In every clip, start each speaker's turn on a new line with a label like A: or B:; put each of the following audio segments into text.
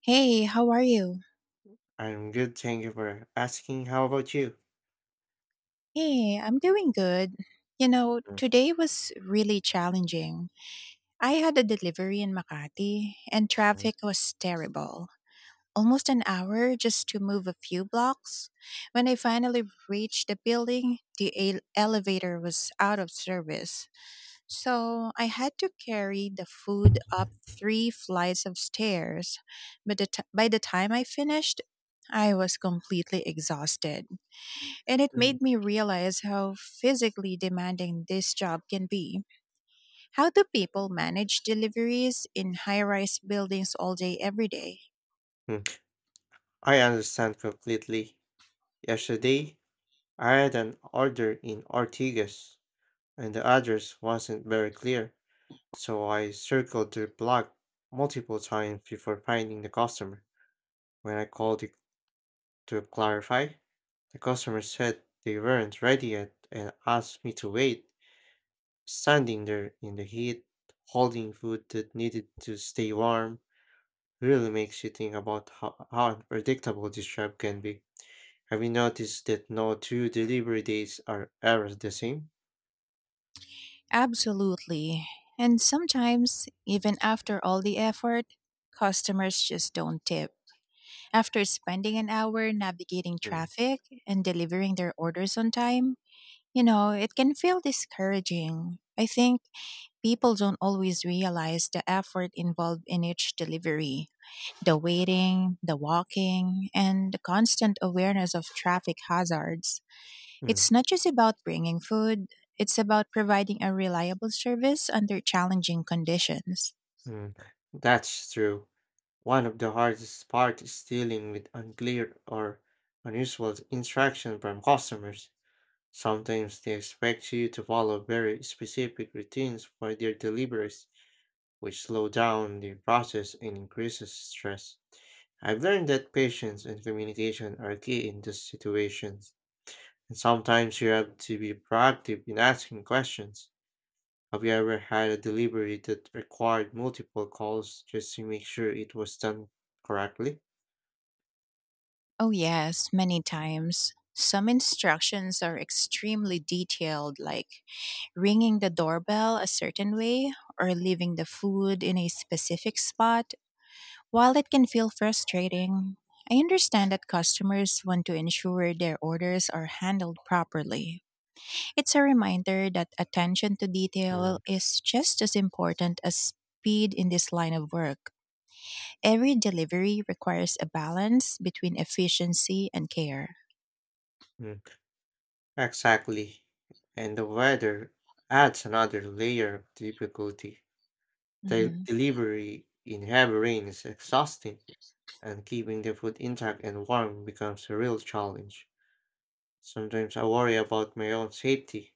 A: Hey, how are you?
B: I'm good, thank you for asking. How about you?
A: Hey, I'm doing good. Today was really challenging. I had a delivery in Makati, and traffic was terrible. Almost an hour just to move a few blocks. When I finally reached the building, the elevator was out of service. So I had to carry the food up three flights of stairs. But by the time I finished, I was completely exhausted. And it
B: Mhm.
A: made me realize how physically demanding this job can be. How do people manage deliveries in high rise buildings all day, every day?
B: Mhm. I understand completely. Yesterday, I had an order in Ortigas, and the address wasn't very clear, so I circled the block multiple times before finding the customer. When I called to clarify, the customer said they weren't ready yet and asked me to wait, standing there in the heat, holding food that needed to stay warm. Really makes you think about how unpredictable this job can be. Have you noticed that no two delivery dates are ever the same?
A: Absolutely. And sometimes, even after all the effort, customers just don't tip. After spending an hour navigating
B: Mm,
A: traffic and delivering their orders on time, it can feel discouraging. I think people don't always realize the effort involved in each delivery: the waiting, the walking, and the constant awareness of traffic hazards.
B: mm,
A: It's not just about bringing food, it's about providing a reliable service under challenging conditions.
B: mm. That's true. One of the hardest parts is dealing with unclear or unusual instructions from customers. Sometimes they expect you to follow very specific routines for their deliveries, which slow down the process and increases stress. I've learned that patience and communication are key in these situations, and sometimes you have to be proactive in asking questions. Have you ever had a delivery that required multiple calls just to make sure it was done correctly?
A: Oh, yes, many times. Some instructions are extremely detailed, like ringing the doorbell a certain way or leaving the food in a specific spot. While it can feel frustrating, I understand that customers want to ensure their orders are handled properly. It's a reminder that attention to detail
B: Mm,
A: is just as important as speed in this line of work. Every delivery requires a balance between efficiency and care.
B: mm. Exactly. And the weather adds another layer of difficulty. The
A: Mhm.
B: delivery in heavy rain is exhausting, and keeping the food intact and warm becomes a real challenge. Sometimes I worry about my own safety,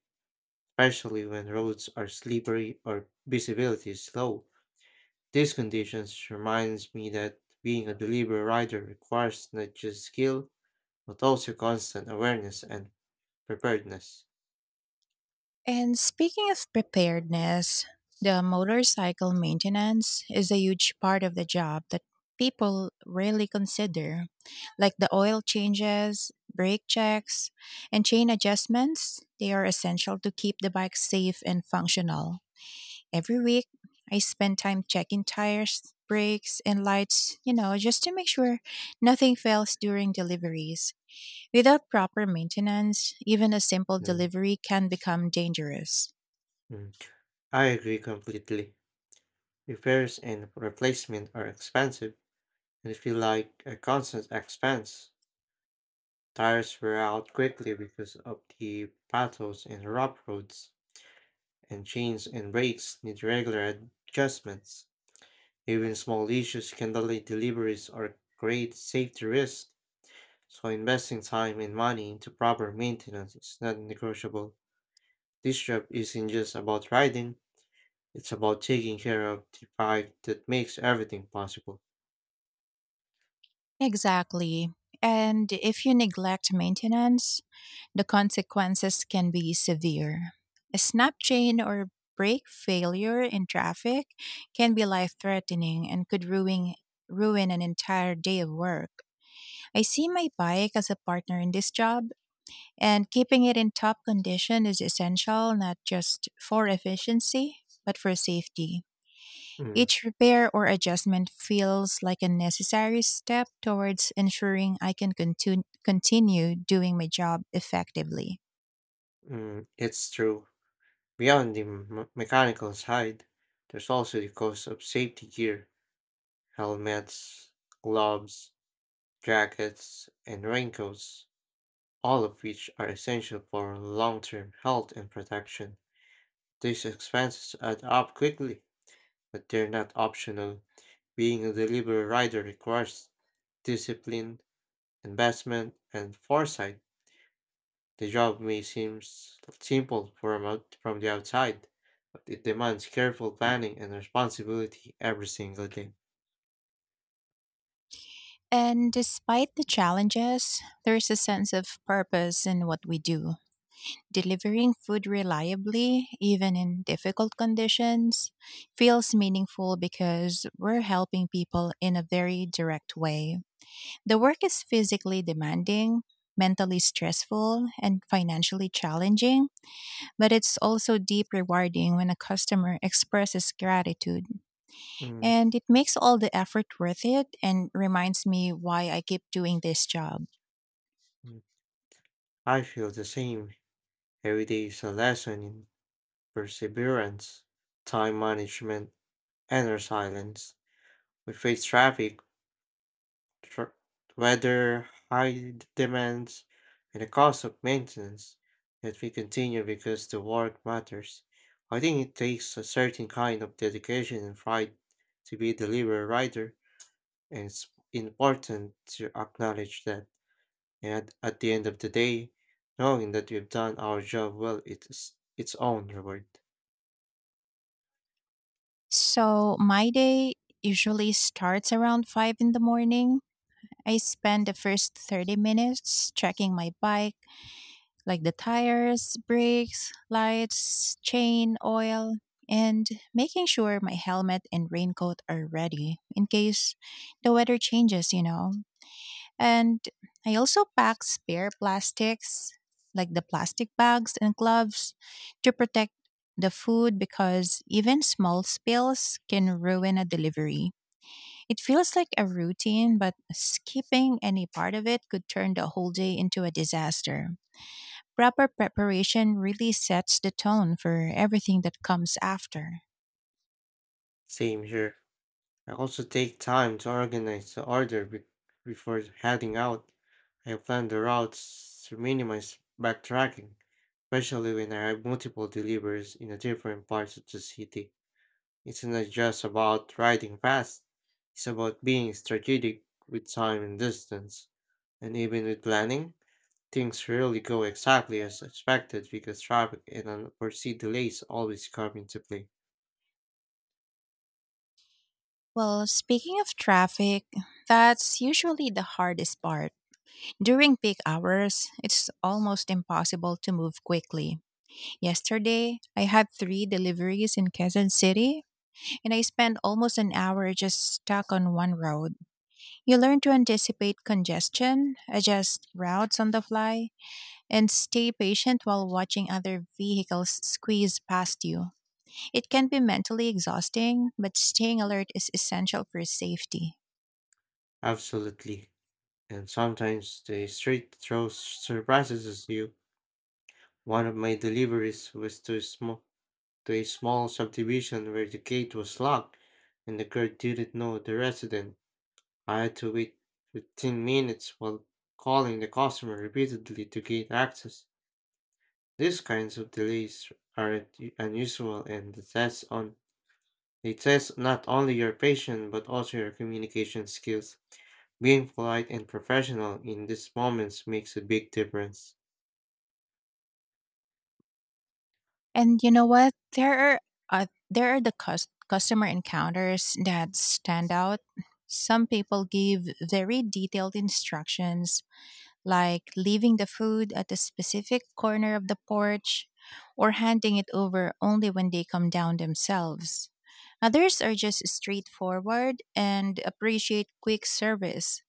B: especially when roads are slippery or visibility is low. These conditions reminds me that being a delivery rider requires not just skill, but also constant awareness and preparedness.
A: And speaking of preparedness, the motorcycle maintenance is a huge part of the job that people rarely consider, like the oil changes, brake checks, and chain adjustments. They are essential to keep the bike safe and functional. Every week, I spend time checking tires, brakes, and lights, just to make sure nothing fails during deliveries. Without proper maintenance, even a simple
B: Mm,
A: delivery can become dangerous.
B: mm. I agree completely. Repairs and replacement are expensive and feel like a constant expense. Tires wear out quickly because of the battles and rough roads, and chains and brakes need regular adjustments. Even small issues can delay deliveries or create safety risks, so investing time and money into proper maintenance is not negotiable. This job isn't just about riding, it's about taking care of the bike that makes everything possible.
A: Exactly. And if you neglect maintenance, the consequences can be severe. A snap chain or brake failure in traffic can be life threatening and could ruin an entire day of work. I see my bike as a partner in this job, and keeping it in top condition is essential not just for efficiency, but for safety.
B: Mm,
A: Each repair or adjustment feels like a necessary step towards ensuring I can continue doing my job effectively.
B: mm, it's true. Beyond the mechanical side, there's also the cost of safety gear: helmets, gloves, jackets, and raincoats, all of which are essential for long term health and protection. These expenses add up quickly, but they're not optional. Being a delivery rider requires discipline, investment, and foresight. The job may seem simple from the outside, but it demands careful planning and responsibility every single day.
A: And despite the challenges, there's a sense of purpose in what we do. Delivering food reliably, even in difficult conditions, feels meaningful because we're helping people in a very direct way. The work is physically demanding, mentally stressful, and financially challenging, but it's also deep rewarding when a customer expresses gratitude.
B: Mm,
A: And it makes all the effort worth it and reminds me why I keep doing this job.
B: mm. I feel the same. Every day is a lesson in perseverance, time management, and resilience. We face traffic, tr- weather, high demands, and the cost of maintenance. Yet we continue because the work matters. I think it takes a certain kind of dedication and pride to be a delivery writer, and it's important to acknowledge that. And at the end of the day, knowing that we've done our job well, it's its own reward.
A: So my day usually starts around 5 in the morning. I spend the first 30 minutes checking my bike, like the tires, brakes, lights, chain, oil, and making sure my helmet and raincoat are ready in case the weather changes. And I also pack spare plastics, like the plastic bags and gloves, to protect the food because even small spills can ruin a delivery. It feels like a routine, but skipping any part of it could turn the whole day into a disaster. Proper preparation really sets the tone for everything that comes after.
B: Same here. I also take time to organize the order before heading out. I plan the routes to minimize backtracking, especially when I have multiple deliveries in a different parts of the city. It's not just about riding fast, it's about being strategic with time and distance. And even with planning, things rarely go exactly as expected because traffic and unforeseen delays always come into play.
A: Well, speaking of traffic, that's usually the hardest part. During peak hours, it's almost impossible to move quickly. Yesterday, I had three deliveries in Quezon City, and I spent almost an hour just stuck on one road. You learn to anticipate congestion, adjust routes on the fly, and stay patient while watching other vehicles squeeze past you. It can be mentally exhausting, but staying alert is essential for safety.
B: Absolutely. And sometimes the street throws surprises at you. One of my deliveries was to a small subdivision where the gate was locked and the girl didn't know the resident. I had to wait 15 minutes while calling the customer repeatedly to gain access. These kinds of delays are unusual and they test not only your patience but also your communication skills. Being polite and professional in these moments makes a big difference.
A: And you know what? There are customer encounters that stand out. Some people give very detailed instructions, like leaving the food at a specific corner of the porch or handing it over only when they come down themselves. Others are just straightforward and appreciate quick service.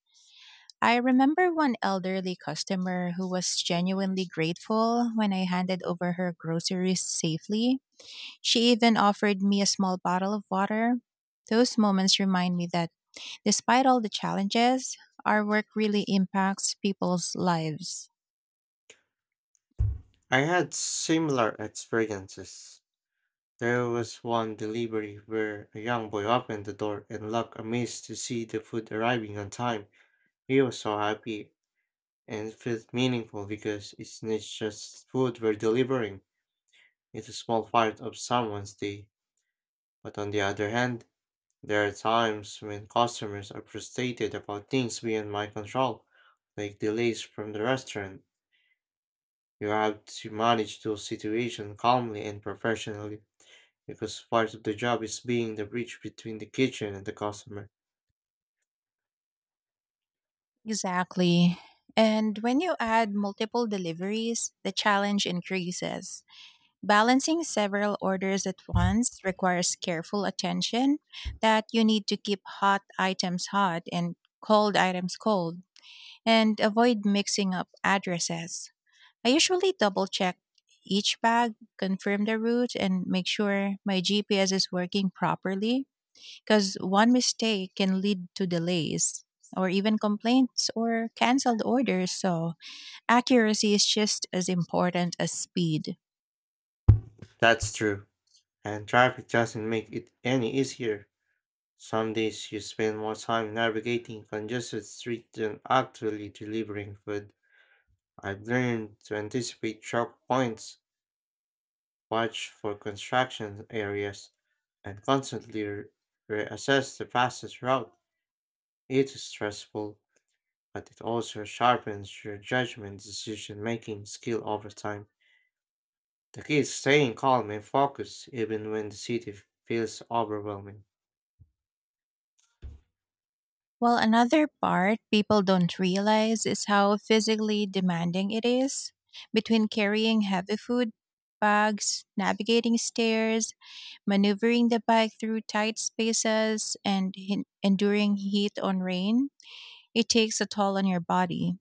A: I remember one elderly customer who was genuinely grateful when I handed over her groceries safely. She even offered me a small bottle of water. Those moments remind me that despite all the challenges, our work really impacts people's lives.
B: I had similar experiences. There was one delivery where a young boy opened the door and looked amazed to see the food arriving on time. He was so happy and felt meaningful because it's not just food we're delivering, it's a small part of someone's day. But on the other hand, there are times when customers are frustrated about things beyond my control, like delays from the restaurant. You have to manage those situations calmly and professionally, because part of the job is being the bridge between the kitchen and the customer.
A: Exactly. And when you add multiple deliveries, the challenge increases. Balancing several orders at once requires careful attention: that you need to keep hot items hot and cold items cold and avoid mixing up addresses. I usually double check each bag, confirm the route, and make sure my GPS is working properly because one mistake can lead to delays or even complaints or canceled orders. So, accuracy is just as important as speed.
B: That's true, and traffic doesn't make it any easier. Some days you spend more time navigating congested streets than actually delivering food. I've learned to anticipate choke points, watch for construction areas, and constantly reassess the fastest route. It is stressful, but it also sharpens your judgment decision making skill over time. The key is staying calm and focused even when the city feels overwhelming.
A: Well, another part people don't realize is how physically demanding it is, between carrying heavy food bags, navigating stairs, maneuvering the bike through tight spaces and enduring heat on rain. It takes a toll on your body.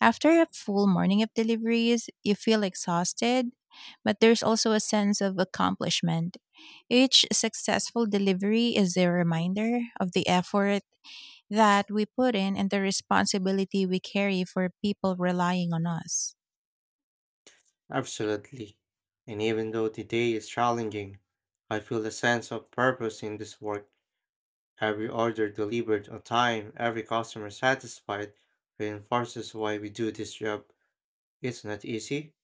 A: After a full morning of deliveries, you feel exhausted, but there's also a sense of accomplishment. Each successful delivery is a reminder of the effort that we put in and the responsibility we carry for people relying on us.
B: Absolutely. And even though the day is challenging, I feel a sense of purpose in this work. Every order delivered on time, every customer satisfied, reinforces why we do this job. It's not easy,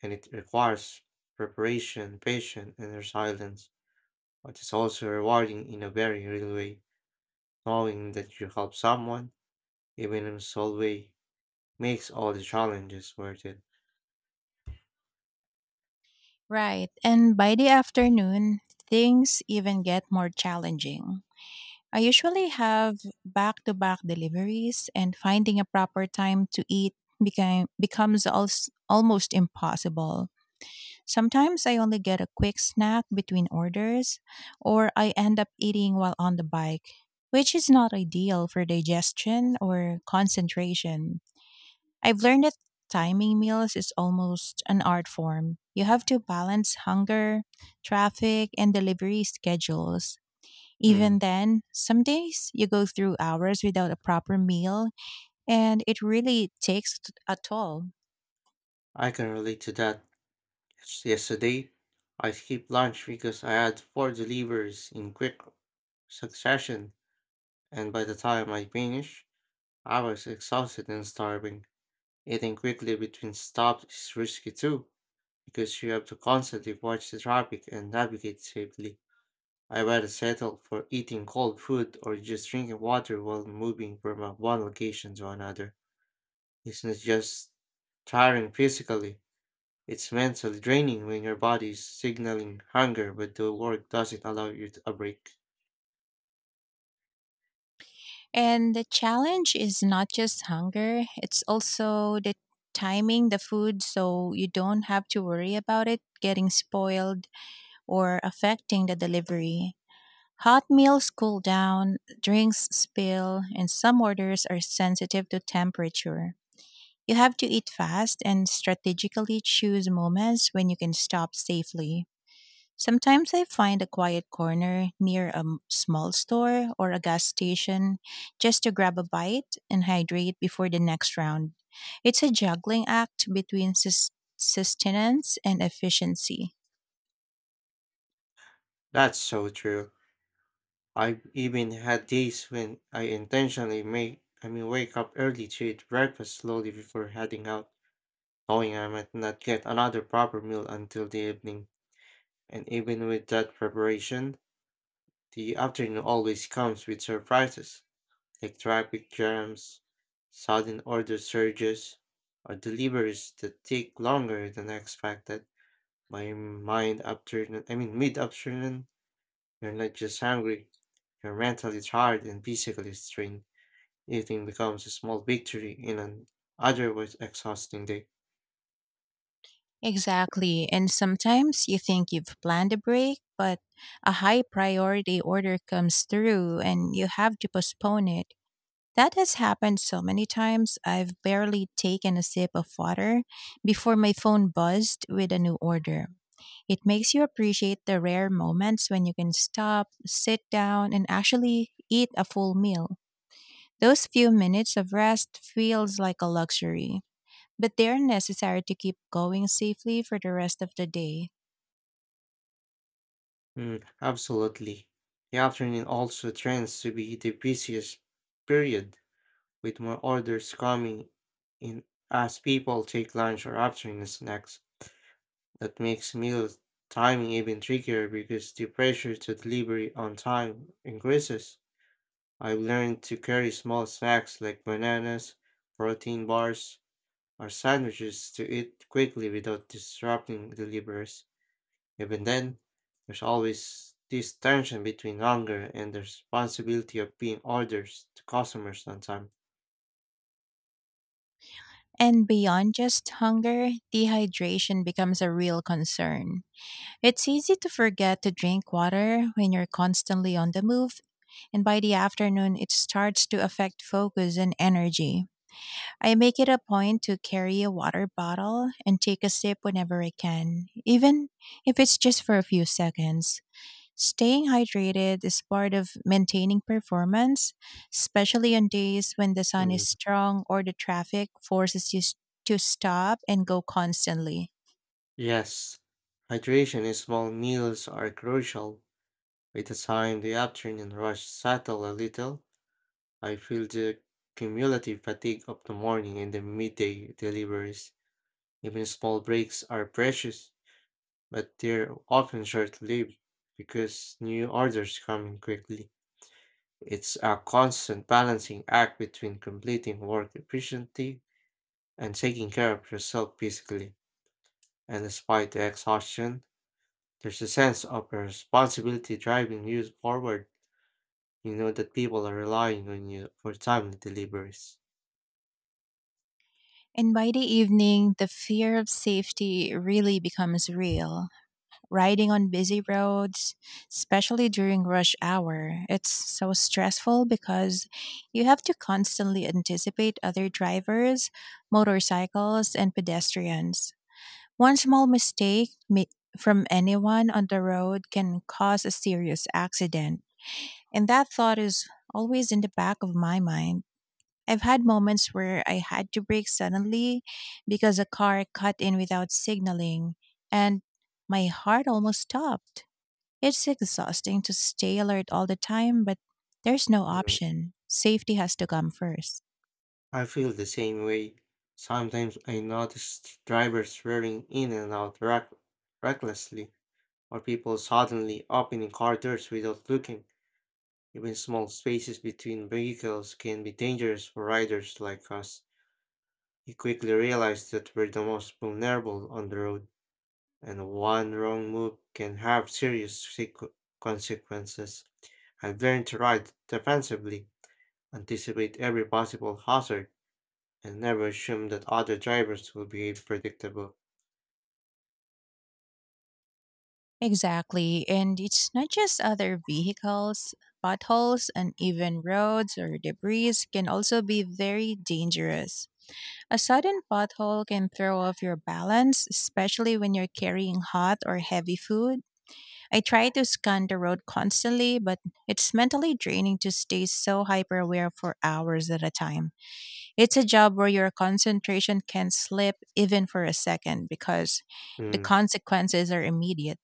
B: and it requires preparation, patience, and resilience, but it's also rewarding in a very real way, knowing that you help someone, even in a small way, makes all the challenges worth it.
A: Right. And by the afternoon, things even get more challenging. I usually have back to back deliveries, and finding a proper time to eat becomes almost impossible. Sometimes I only get a quick snack between orders, or I end up eating while on the bike, which is not ideal for digestion or concentration. I've learned that timing meals is almost an art form. You have to balance hunger, traffic, and delivery schedules. Even
B: Mm,
A: then, some days you go through hours without a proper meal, and it really takes a toll.
B: I can relate to that. Yesterday, I skipped lunch because I had four deliveries in quick succession, and by the time I finished, I was exhausted and starving. Eating quickly between stops is risky too, because you have to constantly watch the traffic and navigate safely. I rather settle for eating cold food or just drinking water while moving from one location to another. It's not just tiring physically, it's mentally draining when your body is signaling hunger but the work doesn't allow you a break.
A: And the challenge is not just hunger, it's also the timing the food so you don't have to worry about it getting spoiled or affecting the delivery. Hot meals cool down, drinks spill, and some orders are sensitive to temperature. You have to eat fast and strategically choose moments when you can stop safely. Sometimes I find a quiet corner near a small store or a gas station just to grab a bite and hydrate before the next round. It's a juggling act between sustenance and efficiency.
B: That's so true. I've even had days when I intentionally make I mean wake up early to eat breakfast slowly before heading out, knowing I might not get another proper meal until the evening. And even with that preparation, the afternoon always comes with surprises, like traffic jams, sudden order surges, or deliveries that take longer than expected. My I mean mid afternoon, you're not just hungry, you're mentally tired and physically strained. Eating becomes a small victory in an otherwise exhausting day.
A: Exactly. And sometimes you think you've planned a break, but a high priority order comes through and you have to postpone it. That has happened so many times. I've barely taken a sip of water before my phone buzzed with a new order. It makes you appreciate the rare moments when you can stop, sit down, and actually eat a full meal. Those few minutes of rest feels like a luxury, but they're necessary to keep going safely for the rest of the day.
B: Mm, absolutely. The afternoon also tends to be the busiest period, with more orders coming in as people take lunch or afternoon snacks. That makes meal timing even trickier because the pressure to delivery on time increases. I've learned to carry small snacks like bananas, protein bars, or sandwiches to eat quickly without disrupting deliveries. Even then, there's always this tension between hunger and the responsibility of being orders to customers on time.
A: And beyond just hunger, dehydration becomes a real concern. It's easy to forget to drink water when you're constantly on the move, and by the afternoon, it starts to affect focus and energy. I make it a point to carry a water bottle and take a sip whenever I can, even if it's just for a few seconds. Staying hydrated is part of maintaining performance, especially on days when the sun is
B: Mm.
A: strong or the traffic forces you to stop and go constantly.
B: Yes, hydration in small meals are crucial. By the time the afternoon rush settle a little, I feel the cumulative fatigue of the morning and the midday deliveries. Even small breaks are precious, but they're often short-lived because new orders come in quickly. It's a constant balancing act between completing work efficiently and taking care of yourself physically. And despite the exhaustion, there's a sense of responsibility driving you forward. You know that people are relying on you for timely deliveries.
A: And by the evening, the fear of safety really becomes real. Riding on busy roads, especially during rush hour, it's so stressful because you have to constantly anticipate other drivers, motorcycles, and pedestrians. One small mistake from anyone on the road can cause a serious accident. And that thought is always in the back of my mind. I've had moments where I had to brake suddenly because a car cut in without signaling, and my heart almost stopped. It's exhausting to stay alert all the time, but there's no
B: Mm,
A: option. Safety has to come first.
B: I feel the same way. Sometimes I notice drivers swerving in and out recklessly, or people suddenly opening car doors without looking. Even small spaces between vehicles can be dangerous for riders like us. We quickly realize that we're the most vulnerable on the road, and one wrong move can have serious consequences. I've learned to ride defensively. Anticipate every possible hazard and never assume that other drivers will behave predictable.
A: Exactly, and it's not just other vehicles. Potholes, uneven roads, or debris can also be very dangerous. A sudden pothole can throw off your balance, especially when you're carrying hot or heavy food. I try to scan the road constantly, but it's mentally draining to stay so hyper aware for hours at a time. It's a job where your concentration can slip even for a second because the
B: Mm.
A: consequences are immediate.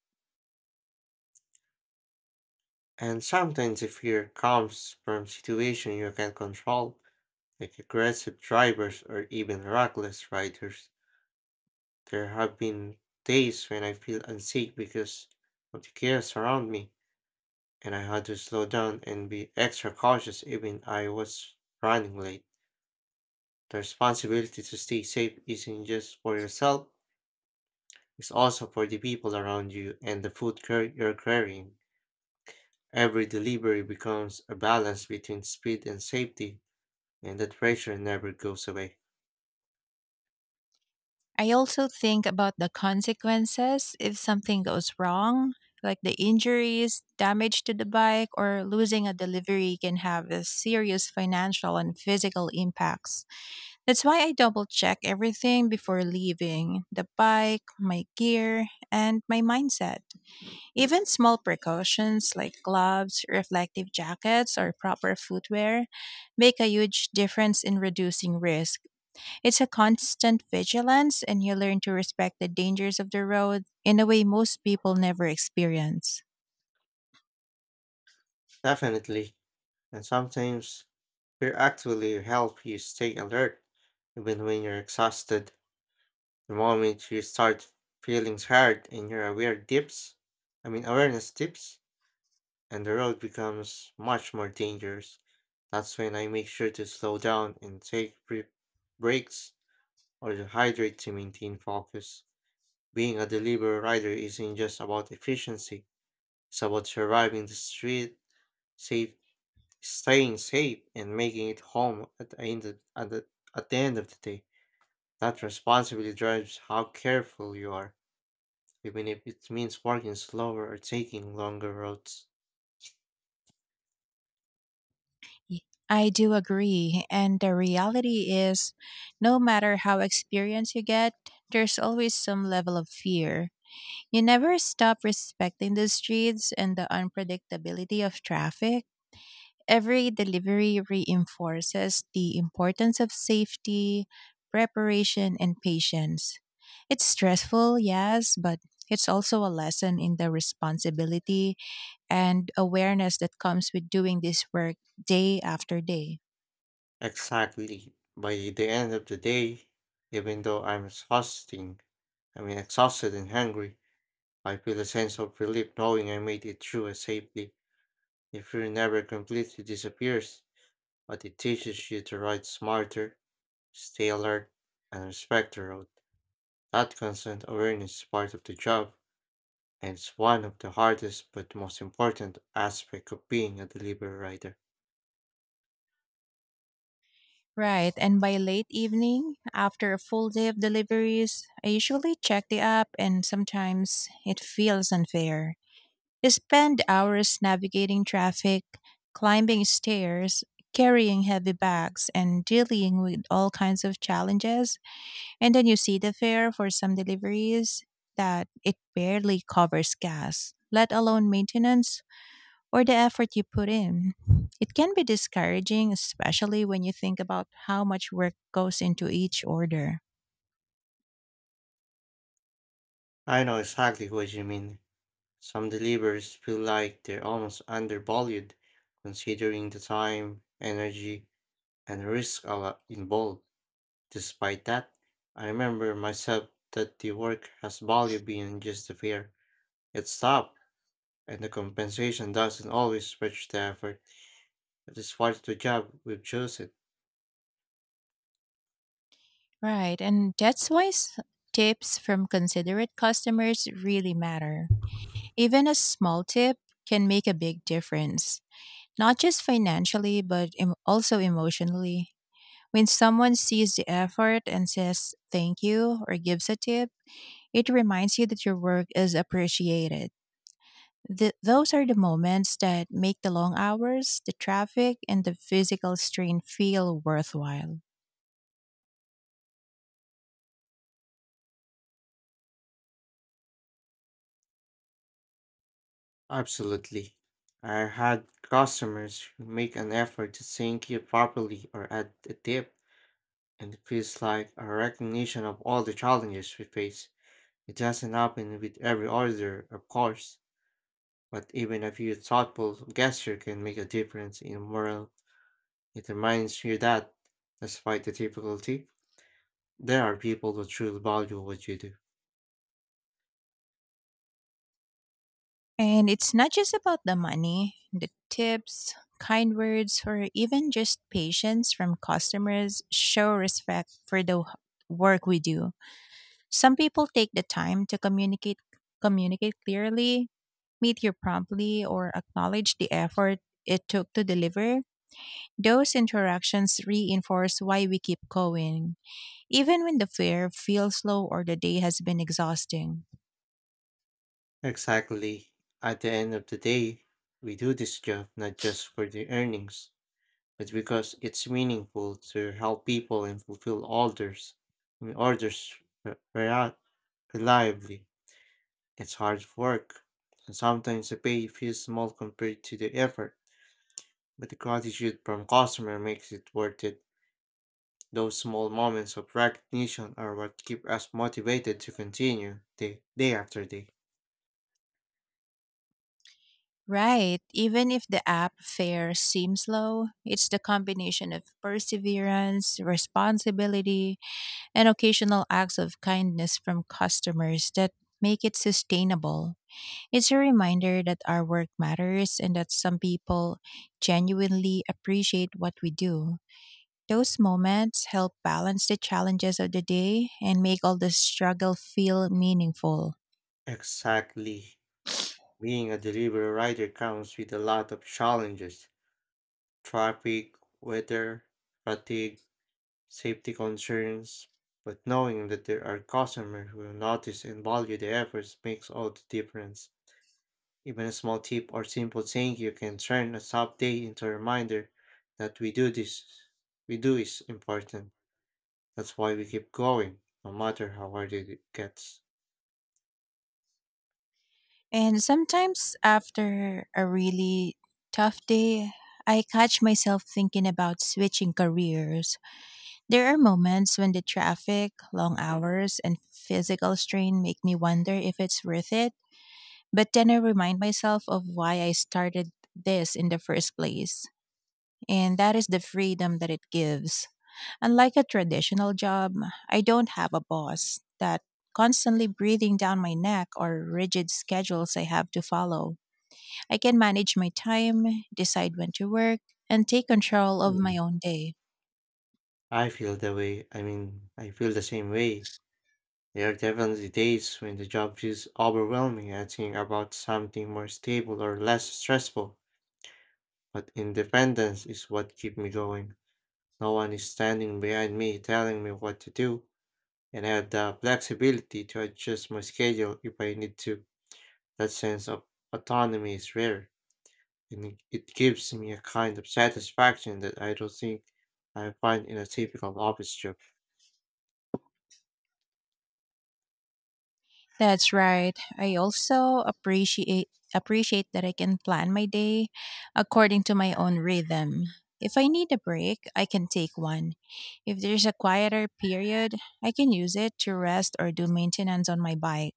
B: And sometimes the fear comes from situation you can't control, like aggressive drivers or even reckless riders. There have been days when I feel unsafe because of the chaos around me, and I had to slow down and be extra cautious even I was running late. The responsibility to stay safe isn't just for yourself. It's also for the people around you and the food you're carrying. Every delivery becomes a balance between speed and safety, and that pressure never goes away.
A: I also think about the consequences if something goes wrong, like the injuries, damage to the bike, or losing a delivery can have a serious financial and physical impacts. That's why I double check everything before leaving: the bike, my gear, and my mindset. Even small precautions like gloves, reflective jackets, or proper footwear make a huge difference in reducing risk. It's a constant vigilance, and you learn to respect the dangers of the road in a way most people never experience.
B: Definitely. And sometimes fear actually help you stay alert, even when you're exhausted. The moment you start feeling tired and your I mean awareness dips, and the road becomes much more dangerous. That's when I make sure to slow down and take brief breaks or to hydrate to maintain focus. Being a delivery rider isn't just about efficiency, it's about surviving the street, safe, staying safe, and making it home at the end of the day. That responsibility drives how careful you are, even if it means working slower or taking longer routes.
A: Y- I do agree, and the reality is, no matter how experienced you get, there's always some level of fear. You never stop respecting the streets and the unpredictability of traffic. Every delivery reinforces the importance of safety, preparation, and patience. It's stressful, yes, but it's also a lesson in the responsibility and awareness that comes with doing this work day after day.
B: Exactly. By the end of the day, even though I'm I mean exhausted and hungry, I feel a sense of relief knowing I made it through safely. The fear never completely disappears, but it teaches you to ride smarter, stay alert, and respect the road. That constant awareness is part of the job, and it's one of the hardest but most important aspects of being a delivery rider.
A: Right, and by late evening, after a full day of deliveries, I usually check the app and sometimes it feels unfair. You spend hours navigating traffic, climbing stairs, carrying heavy bags, and dealing with all kinds of challenges. And then you see the fare for some deliveries that it barely covers gas, let alone maintenance or the effort you put in. It can be discouraging, especially when you think about how much work goes into each order.
B: I know exactly what you mean. Some deliverers feel like they're almost undervalued, considering the time, energy, and risk a lot involved. Despite that, I remember myself that the work has value beyond just the fare. It's tough, and the compensation doesn't always match the effort. It is part of the job we've chosen.
A: Right, and that's why tips from considerate customers really matter. Even a small tip can make a big difference, not just financially, but also emotionally. When someone sees the effort and says thank you or gives a tip, it reminds you that your work is appreciated. Those are the moments that make the long hours, the traffic, and the physical strain feel worthwhile.
B: Absolutely. I had customers who make an effort to thank you properly or add a tip, and it feels like a recognition of all the challenges we face. It doesn't happen with every order, of course, but even a few thoughtful gesture can make a difference in morale. It reminds you that, despite the difficulty, there are people who truly value what you do.
A: And it's not just about the money, the tips, kind words, or even just patience from customers show respect for the work we do. Some people take the time to communicate clearly, meet you promptly, or acknowledge the effort it took to deliver. Those interactions reinforce why we keep going, even when the fare feels low or the day has been exhausting.
B: Exactly. At the end of the day, we do this job not just for the earnings, but because it's meaningful to help people and fulfill orders. We orders re- rea- reliably. It's hard work, and sometimes the pay feels small compared to the effort, but the gratitude from customer makes it worth it. Those small moments of recognition are what keep us motivated to continue day after day.
A: Right. Even if the app fare seems low, it's the combination of perseverance, responsibility, and occasional acts of kindness from customers that make it sustainable. It's a reminder that our work matters and that some people genuinely appreciate what we do. Those moments help balance the challenges of the day and make all the struggle feel meaningful.
B: Exactly. Being a delivery rider comes with a lot of challenges traffic, weather, fatigue, safety concerns. But knowing that there are customers who will notice and value the efforts makes all the difference. Even a small tip or simple thank you can turn a tough day into a reminder that we do is important. That's why we keep going, no matter how hard it gets.
A: And sometimes after a really tough day, I catch myself thinking about switching careers. There are moments when the traffic, long hours, and physical strain make me wonder if it's worth it. But then I remind myself of why I started this in the first place. And that is the freedom that it gives. Unlike a traditional job, I don't have a boss that constantly breathing down my neck or rigid schedules I have to follow. I can manage my time, decide when to work, and take control of
B: Mm.
A: my own day.
B: I mean, I feel the same way. There are definitely days when the job feels overwhelming and thinking about something more stable or less stressful, but independence is what keeps me going. No one is standing behind me telling me what to do, and I have the flexibility to adjust my schedule if I need to. That sense of autonomy is rare, and it gives me a kind of satisfaction that I don't think I find in a typical office job.
A: That's right. I also appreciate that I can plan my day according to my own rhythm. If I need a break, I can take one. If there's a quieter period, I can use it to rest or do maintenance on my bike.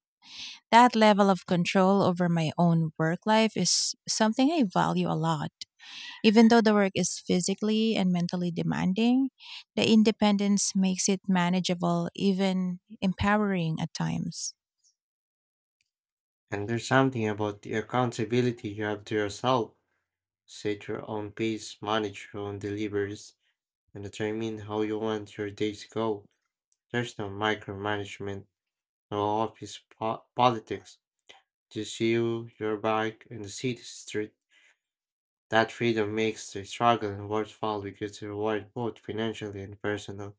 A: That level of control over my own work life is something I value a lot. Even though the work is physically and mentally demanding, the independence makes it manageable, even empowering at times.
B: And there's something about the accountability you have to yourself. Set your own pace, manage your own deliveries, and determine how you want your day to go. There's no micromanagement, no office politics. Just you, your bike, and the city street. That freedom makes the struggle worthwhile because you reward both financially and personal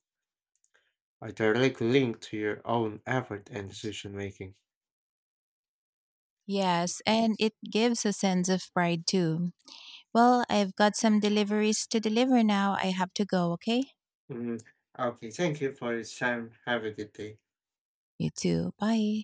B: are directly linked to your own effort and decision making.
A: Yes, and it gives a sense of pride too. Well, I've got some deliveries to deliver now. I have to go, okay?
B: Mm, okay, thank you for your time. Have a good day.
A: You too. Bye.